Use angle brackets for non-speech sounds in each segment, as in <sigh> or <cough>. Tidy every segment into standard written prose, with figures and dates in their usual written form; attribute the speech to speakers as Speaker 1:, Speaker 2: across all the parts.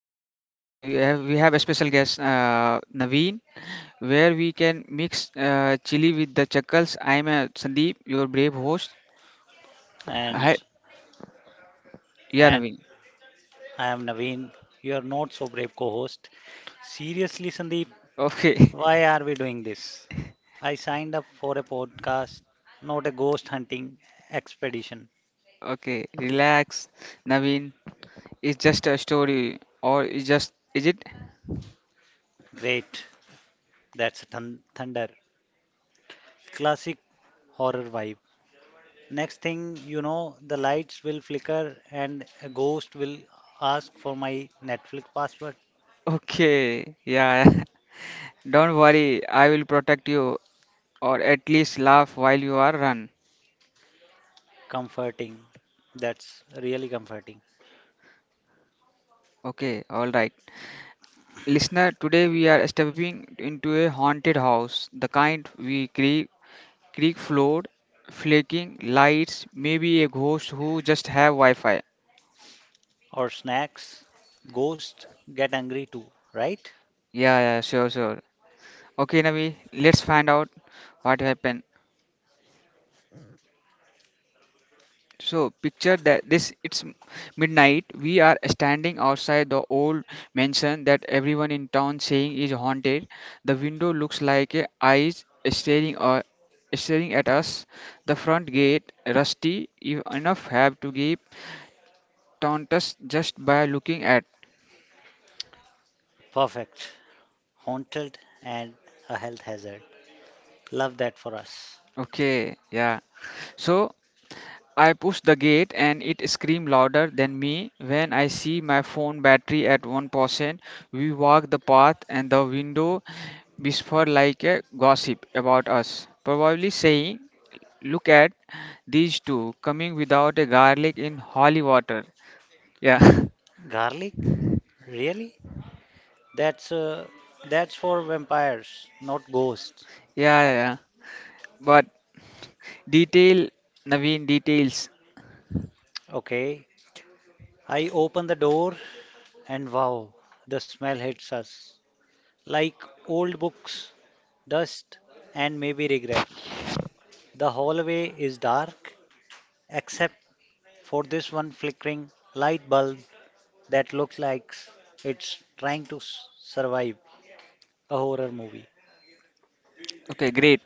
Speaker 1: podcast. We have a special guest, Naveen, where we can mix chili with the chuckles. I am Sandeep, your brave host. Hi,
Speaker 2: and
Speaker 1: yeah,
Speaker 2: and
Speaker 1: Naveen.
Speaker 2: I am Naveen, your not so brave co-host. Seriously, Sandeep,
Speaker 1: Okay, <laughs>
Speaker 2: why are we doing this? I signed up for a podcast, not a ghost hunting expedition.
Speaker 1: okay, relax, Naveen. It's just a story, or it's just, is it?
Speaker 2: Great, that's thunder. Classic horror vibe. Next thing you know, the lights will flicker and a ghost will ask for my Netflix password.
Speaker 1: Okay, yeah. <laughs> Don't worry, I will protect you, or at least laugh while you are run.
Speaker 2: Comforting. That's really comforting.
Speaker 1: Okay, all right. Listener, today we are stepping into a haunted house, the kind we creak, creak floor, flaking lights, maybe a ghost who just have Wi-Fi.
Speaker 2: Or snacks. Ghosts get angry too, right?
Speaker 1: Yeah, yeah, sure, sure. Okay, Navi, let's find out what happened. So picture that this it's midnight. We are standing outside the old mansion that everyone in town saying is haunted. The window looks like a eyes staring or staring at us. The front gate rusty if enough have to give taunt us just by looking at.
Speaker 2: Perfect. Haunted and a health hazard. Love that for us.
Speaker 1: Okay, yeah. So I pushed the gate and it screamed louder than me. When I see my phone battery at 1%, we walk the path and the window whisper like a gossip about us, probably saying, look at these two coming without a garlic in holy water. Yeah, <laughs>
Speaker 2: Garlic? Really? That's uh, that's for vampires, not ghosts.
Speaker 1: yeah, yeah, yeah. But detail, Naveen, details.
Speaker 2: Okay. I open the door and wow, the smell hits us. Like old books, dust, and maybe regret. The hallway is dark except for this one flickering light bulb that looks like it's trying to survive a horror movie.
Speaker 1: Okay, great.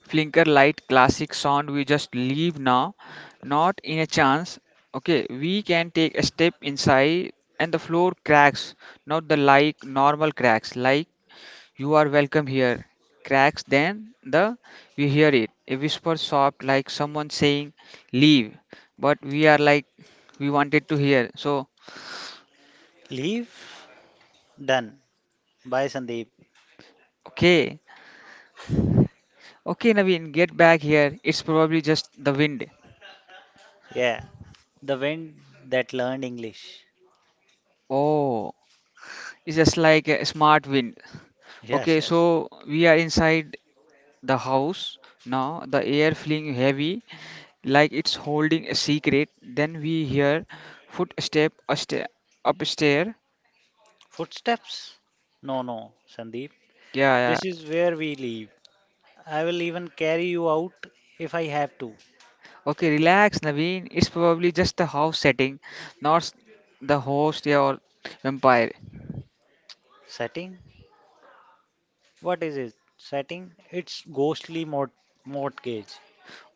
Speaker 1: Flinker light classic sound we just leave now, not in a chance. Okay, we can take a step inside and the floor cracks, not the like normal cracks, like you are welcome here. Cracks then the we hear it. A whisper soft like someone saying leave. But we are like we wanted to hear. So
Speaker 2: Leave? Done. Bye, Sandeep.
Speaker 1: okay. Okay, Naveen, get back here. It's probably just the wind.
Speaker 2: Yeah. The wind that learned English.
Speaker 1: Oh, it's just like a smart wind.
Speaker 2: Yes,
Speaker 1: Okay,
Speaker 2: yes.
Speaker 1: so we are inside the house now. The air feeling heavy, like it's holding a secret. Then we hear footstep upstairs.
Speaker 2: Footsteps? No, no, Sandeep.
Speaker 1: Yeah, yeah.
Speaker 2: This is where we leave. I will even carry you out if I have to.
Speaker 1: Okay, relax, Naveen. It's probably just the house setting, not s- the host, yeah, or vampire.
Speaker 2: Setting? What is it? Setting? It's mortgage.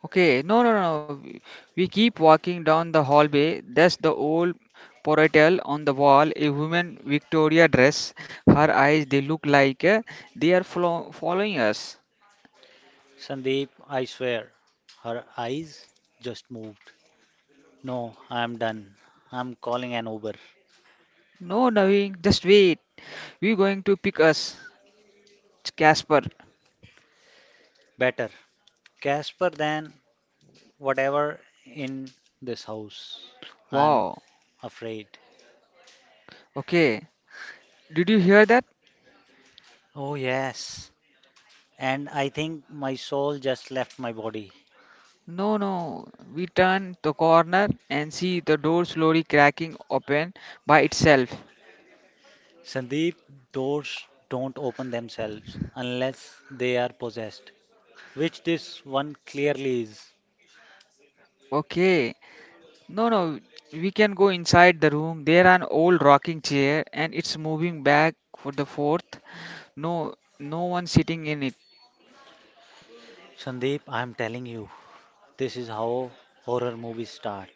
Speaker 1: Okay, no, no, no. We keep walking down the hallway. There's the old portal on the wall, a woman Victoria dress. Her eyes, they look like they are flo following us.
Speaker 2: Sandeep, I swear. Her eyes just moved. No, I'm done. I'm calling an Uber.
Speaker 1: No, Naveen, just wait. We're going to pick us, Casper.
Speaker 2: Better. Casper, then whatever in this house. I'm
Speaker 1: Wow.
Speaker 2: afraid.
Speaker 1: Okay. Did you hear that?
Speaker 2: Oh, yes. And I think my soul just left my body.
Speaker 1: No, no. We turn the corner and see the door slowly cracking open by itself.
Speaker 2: Sandeep, doors don't open themselves unless they are possessed, which this one clearly is.
Speaker 1: Okay. No, no, we can go inside the room. There an old rocking chair and it's moving back for the fourth. No, no one sitting in it.
Speaker 2: Sandeep, I'm telling you, this is how horror movies start.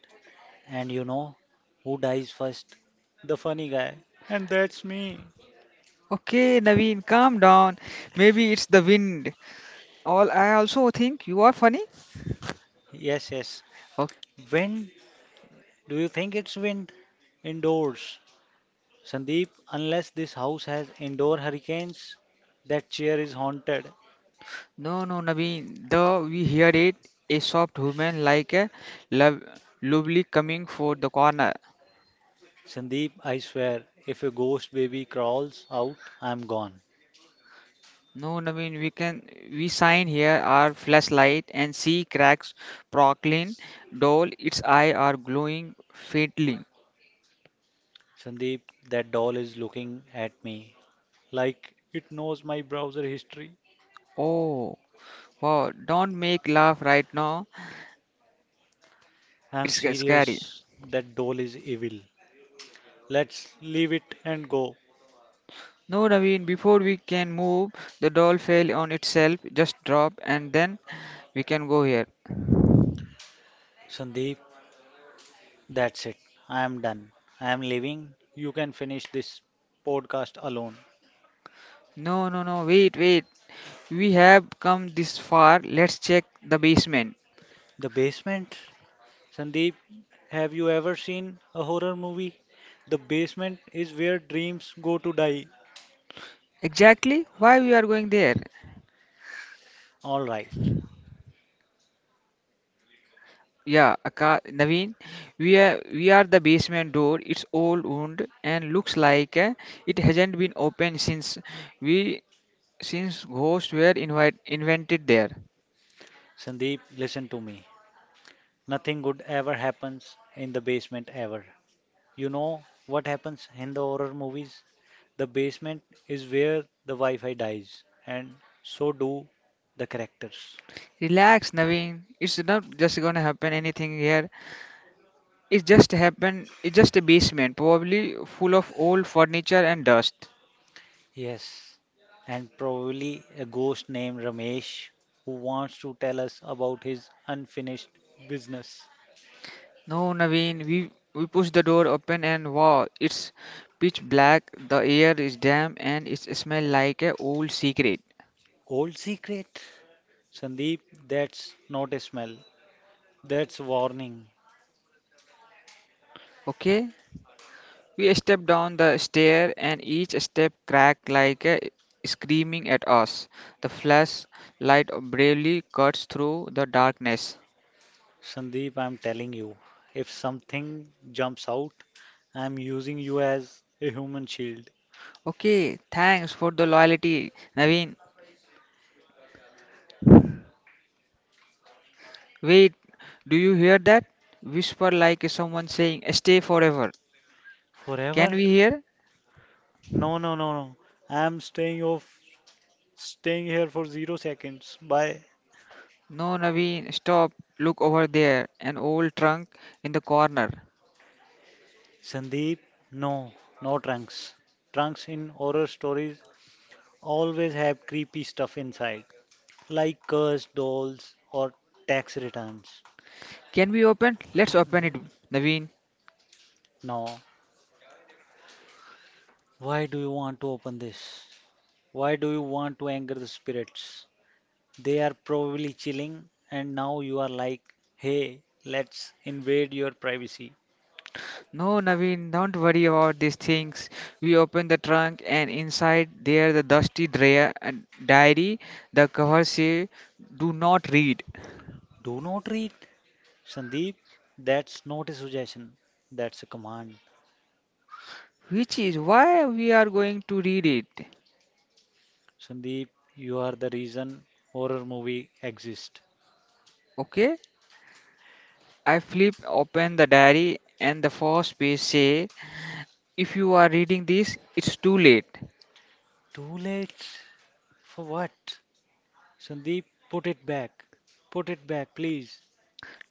Speaker 2: And you know who dies first? The funny guy. And that's me.
Speaker 1: Okay, Naveen, calm down. Maybe it's the wind. All I also think you are funny.
Speaker 2: Yes, yes.
Speaker 1: Okay.
Speaker 2: Wind? Do you think it's wind? Indoors. Sandeep, unless this house has indoor hurricanes, that chair is haunted.
Speaker 1: No, no, Naveen. The we hear it. A soft woman like a lov- lovely coming for the corner.
Speaker 2: Sandeep, I swear, if a ghost baby crawls out, I'm gone.
Speaker 1: No, Naveen, we sign here our flashlight and see cracks prockling, doll, its eye are glowing faintly.
Speaker 2: Sandeep, that doll is looking at me like it knows my browser history.
Speaker 1: Oh, wow, don't make laugh right now.
Speaker 2: I'm
Speaker 1: It's scary.
Speaker 2: serious, that doll is evil. Let's leave it and go.
Speaker 1: No, Naveen, before we can move, the doll fell on itself, just drop and then we can go here.
Speaker 2: Sandeep, that's it. I am done. I am leaving. You can finish this podcast alone.
Speaker 1: No, no, no, wait, wait. We have come this far. Let's check the basement.
Speaker 2: The basement? Sandeep, have you ever seen a horror movie? The basement is where dreams go to die.
Speaker 1: Exactly why we are going there?
Speaker 2: Alright,
Speaker 1: Yeah, Aka Naveen, we are the basement door. It's old wound and looks like it hasn't been opened since we since ghosts were invented there.
Speaker 2: Sandeep, listen to me. Nothing good ever happens in the basement ever. You know what happens in the horror movies? The basement is where the Wi Fi dies, and so do the characters.
Speaker 1: Relax, Naveen. It's not just gonna happen anything here. It just happened. It's just a basement, probably full of old furniture and dust.
Speaker 2: Yes, and probably a ghost named Ramesh who wants to tell us about his unfinished business.
Speaker 1: No, Naveen, we push the door open and wow, it's pitch black. The air is damp and it smells like a old secret.
Speaker 2: Old secret? Sandeep, that's not a smell. That's warning.
Speaker 1: Okay, we stepped down the stair, and each step cracked like a screaming at us. The flashlight bravely cuts through the darkness.
Speaker 2: Sandeep, I'm telling you, if something jumps out, I'm using you as a human shield.
Speaker 1: Okay, thanks for the loyalty, Naveen. Wait, do you hear that? Whisper like someone saying, stay forever. Can
Speaker 2: Forever?
Speaker 1: we hear?
Speaker 2: No, no, no, no. I'm staying off, staying here for 0 seconds. Bye.
Speaker 1: No, Naveen, stop. Look over there, an old trunk in the corner.
Speaker 2: Sandeep, no, no trunks. Trunks in horror stories always have creepy stuff inside, like cursed dolls or tax returns.
Speaker 1: Can we open? Let's open it, Naveen.
Speaker 2: No, why do you want to open this? Why do you want to anger the spirits? They are probably chilling, and now you are like, hey, let's invade your privacy.
Speaker 1: No, Naveen, don't worry about these things. We open the trunk, and inside there the dusty diary, the cover say, "Do not read,"
Speaker 2: Do not read. Sandeep, that's not a suggestion, that's a command.
Speaker 1: which is why we are going to read it.
Speaker 2: Sandeep, you are the reason horror movie exist.
Speaker 1: Okay? I flip open the diary, and the first page say, "If you are reading this, it's too late."
Speaker 2: Too late. For what? Sandeep, put it back. Put it back, please.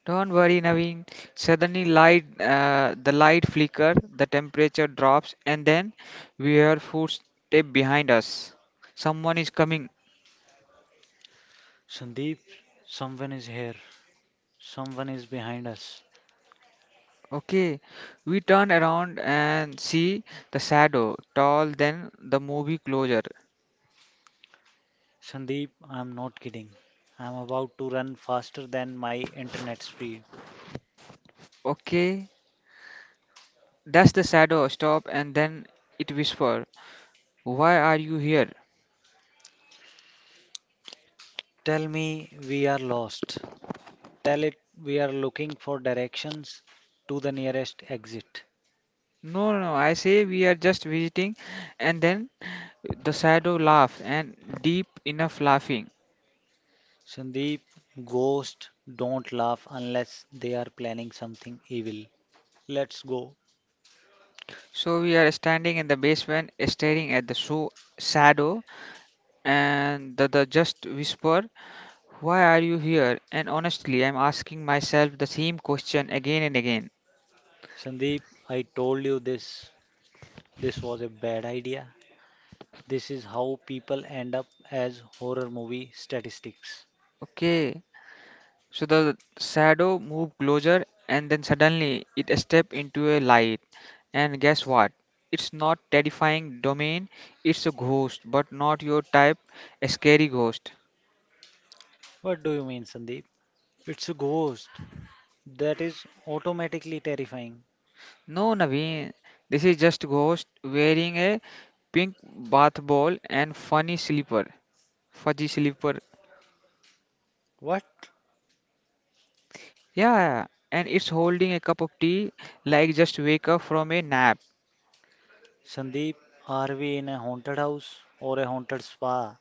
Speaker 1: Don't worry, Naveen. Suddenly, light the light flicker, the temperature drops, and then we hear footsteps behind us. Someone is coming.
Speaker 2: Sandeep, someone is here. Someone is behind us.
Speaker 1: Okay, we turn around and see the shadow, tall than the movie closure.
Speaker 2: Sandeep, I'm not kidding. I'm about to run faster than my internet speed.
Speaker 1: Okay, that's the shadow. Stop, and then it whisper, "Why are you here?"
Speaker 2: Tell me we are lost. Tell it we are looking for directions to the nearest exit.
Speaker 1: No, no, no, I say we are just visiting, and then the shadow laugh and deep enough laughing.
Speaker 2: Sandeep, ghosts don't laugh unless they are planning something evil. Let's go.
Speaker 1: So we are standing in the basement, staring at the show shadow, and the just whisper. Why are you here? And honestly, I'm asking myself the same question again and again.
Speaker 2: Sandeep, I told you this. This was a bad idea. This is how people end up as horror movie statistics.
Speaker 1: Okay, so the shadow moved closer and then suddenly it stepped into a light. And guess what? It's not terrifying domain, it's a ghost, but not your type, a scary ghost.
Speaker 2: What do you mean, Sandeep? It's a ghost. That is automatically terrifying.
Speaker 1: No, Naveen, this is just ghost wearing a pink bath ball and fuzzy slipper.
Speaker 2: What?
Speaker 1: Yeah, and it's holding a cup of tea like just wake up from a nap.
Speaker 2: Sandeep, are we in a haunted house or a haunted spa?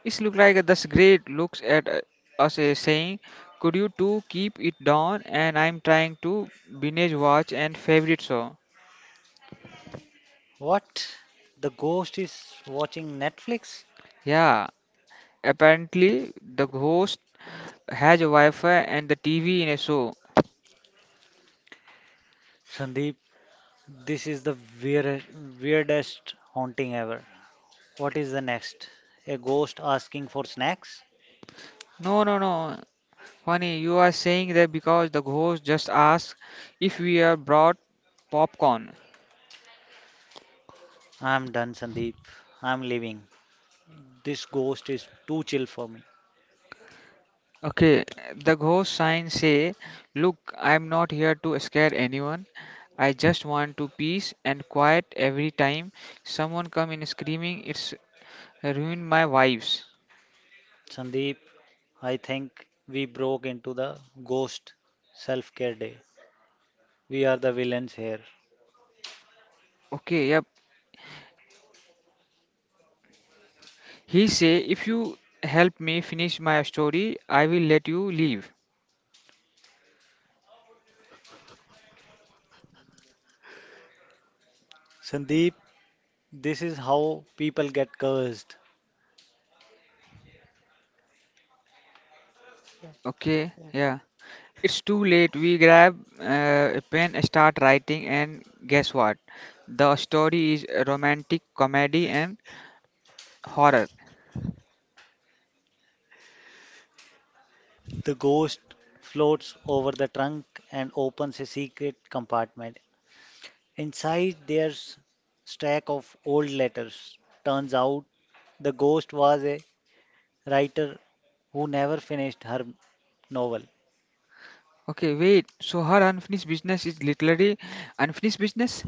Speaker 1: It look like this great looks at us saying, "Could you two keep it down?" And I'm trying to binge watch and favorite song.
Speaker 2: What? The ghost is watching Netflix?
Speaker 1: Yeah, apparently the host has a Wi-Fi and the TV in a show.
Speaker 2: Sandeep, this is the weir- weirdest haunting ever. What is the next? A ghost asking for snacks?
Speaker 1: No, no, no. Funny, you are saying that because the host just asked if we are brought popcorn.
Speaker 2: I'm done, Sandeep. I'm leaving. This ghost is too chill for me.
Speaker 1: Okay, the ghost sign say, look, I'm not here to scare anyone. I just want to peace and quiet every time someone come in screaming, it's ruined my vibes.
Speaker 2: Sandeep, I think we broke into the ghost self care day. We are the villains here.
Speaker 1: Okay, yep. He say, if you help me finish my story, I will let you leave.
Speaker 2: Sandeep, this is how people get cursed.
Speaker 1: Okay, yeah. It's too late. We grab a pen, start writing, and guess what? The story is a romantic comedy and horror.
Speaker 2: The ghost floats over the trunk and opens a secret compartment. Inside, there's stack of old letters. Turns out the ghost was a writer who never finished her novel.
Speaker 1: Okay, wait. So her unfinished business is literally unfinished business?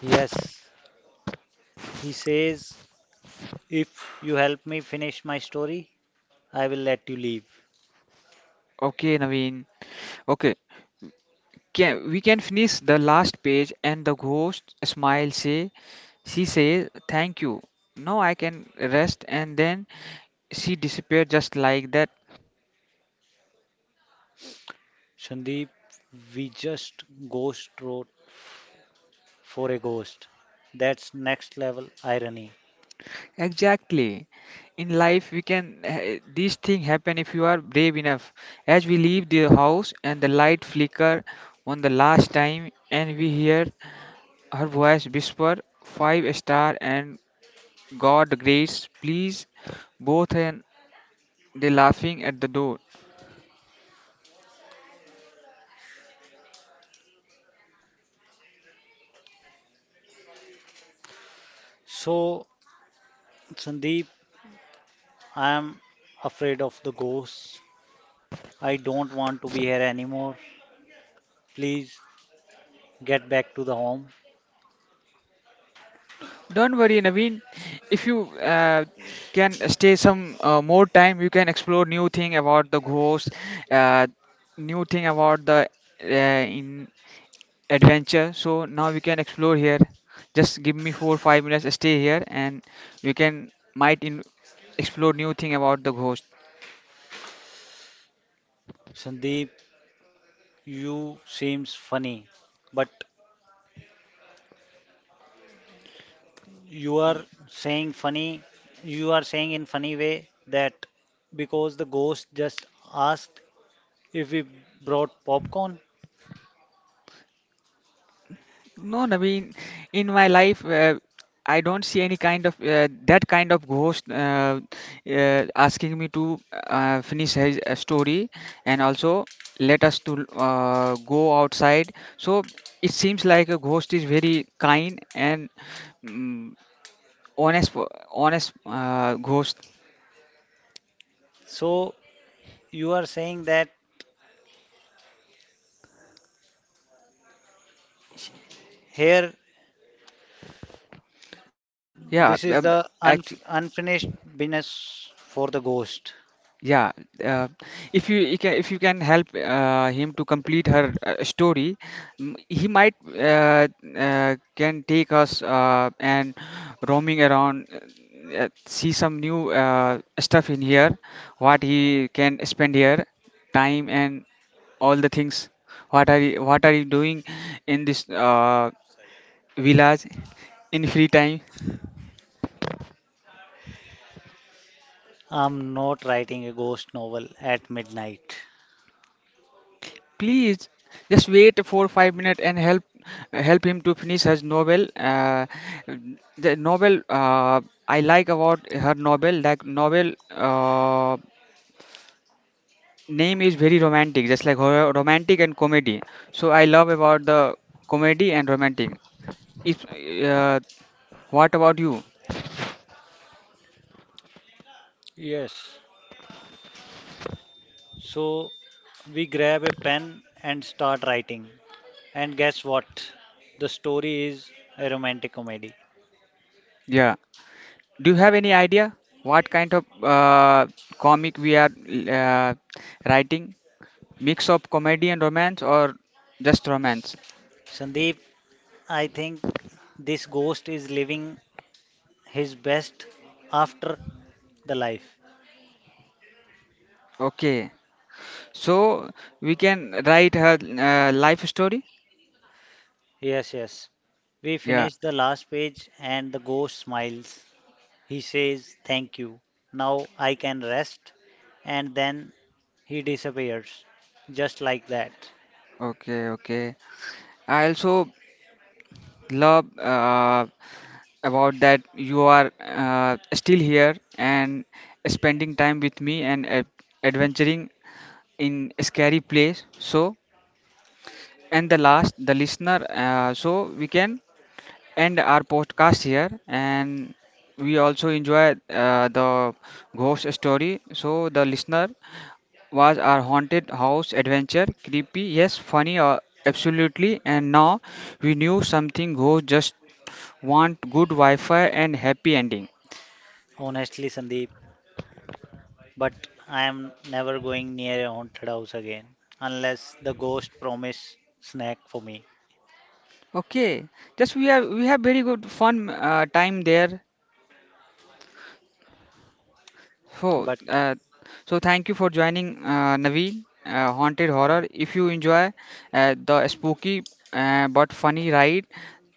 Speaker 2: Yes, he says, if you help me finish my story, I will let you leave.
Speaker 1: Okay, Naveen. Okay. Can, we can finish the last page and the ghost smile say she says thank you. Now I can rest and then she disappeared just like that.
Speaker 2: Sandeep, we just ghost wrote for a ghost. That's next level irony.
Speaker 1: Exactly. In life, we can these things happen if you are brave enough. As we leave the house and the light flicker on the last time, and we hear her voice whisper, "Five star and God grace, please. Both and they laughing at the door.
Speaker 2: So, Sandeep, I am afraid of the ghosts. I don't want to be here anymore. Please get back to the home.
Speaker 1: Don't worry, Naveen. If you can stay some more time, you can explore new thing about the ghost, uh, new thing about the in adventure. So now we can explore here. Just give me four five minutes. Stay here, and we can explore new thing about the ghost.
Speaker 2: Sandeep, you seems funny, but you are saying funny, you are saying in funny way that because the ghost just asked if we brought popcorn.
Speaker 1: No, Naveen, in my life, I don't see any kind of that kind of ghost asking me to finish his story and also let us to go outside. So it seems like a ghost is very kind and mm honest, honest ghost.
Speaker 2: So you are saying that here, this is
Speaker 1: Yeah,
Speaker 2: the
Speaker 1: act
Speaker 2: unfinished business for the ghost.
Speaker 1: yeah. Uh, if you can, if you can help him to complete her story, he might can take us and roaming around, see some new stuff in here, what he can spend here, time and all the things. What are you doing in this village in free time?
Speaker 2: I'm not writing a ghost novel at midnight.
Speaker 1: Please just wait for 5 minutes and help him to finish his novel, the novel, I like about her novel, like novel, uh, name is very romantic just like her romantic and comedy, so I love about the comedy and romantic, if uh, what about you?
Speaker 2: Yes. So we grab a pen and start writing. And guess what? The story is a romantic comedy.
Speaker 1: Yeah, do you have any idea what kind of comic we are uh, writing, mix of comedy and romance or just romance?
Speaker 2: Sandeep, I think this ghost is living his best after the life.
Speaker 1: Okay. So we can write her life story.
Speaker 2: Yes, yes. We
Speaker 1: Yeah.
Speaker 2: finish the last page and the ghost smiles. He says, thank you. Now I can rest. And then he disappears. Just like that.
Speaker 1: Okay. Okay. I also love about that you are still here and spending time with me and adventuring in a scary place. So and the last the listener, so we can end our podcast here and we also enjoy the ghost story. So the listener, was our haunted house adventure creepy? Yes. Funny? Absolutely. And now we knew something, ghosts just want good Wi-Fi and happy ending.
Speaker 2: Honestly, Sandeep, but I am never going near a haunted house again. Unless the ghost promise snack for me.
Speaker 1: Okay, just we have very good fun time there. So,
Speaker 2: But,
Speaker 1: so thank you for joining, Naveen. Haunted Horror.
Speaker 2: like,
Speaker 1: If you enjoy the spooky, but funny ride,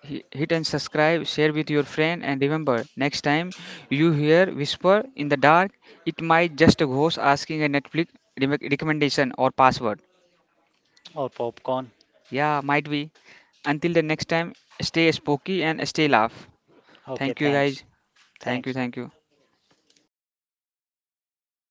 Speaker 1: hit and subscribe, share with your friend, and remember, next time you hear whisper in the dark, it might just a ghost asking a Netflix recommendation or password.
Speaker 2: or popcorn.
Speaker 1: Yeah, might be. Until the next time, stay spooky and stay laugh.
Speaker 2: Okay,
Speaker 1: Thank you
Speaker 2: thanks.
Speaker 1: guys. Thank you,
Speaker 2: Thanks.
Speaker 1: thank you.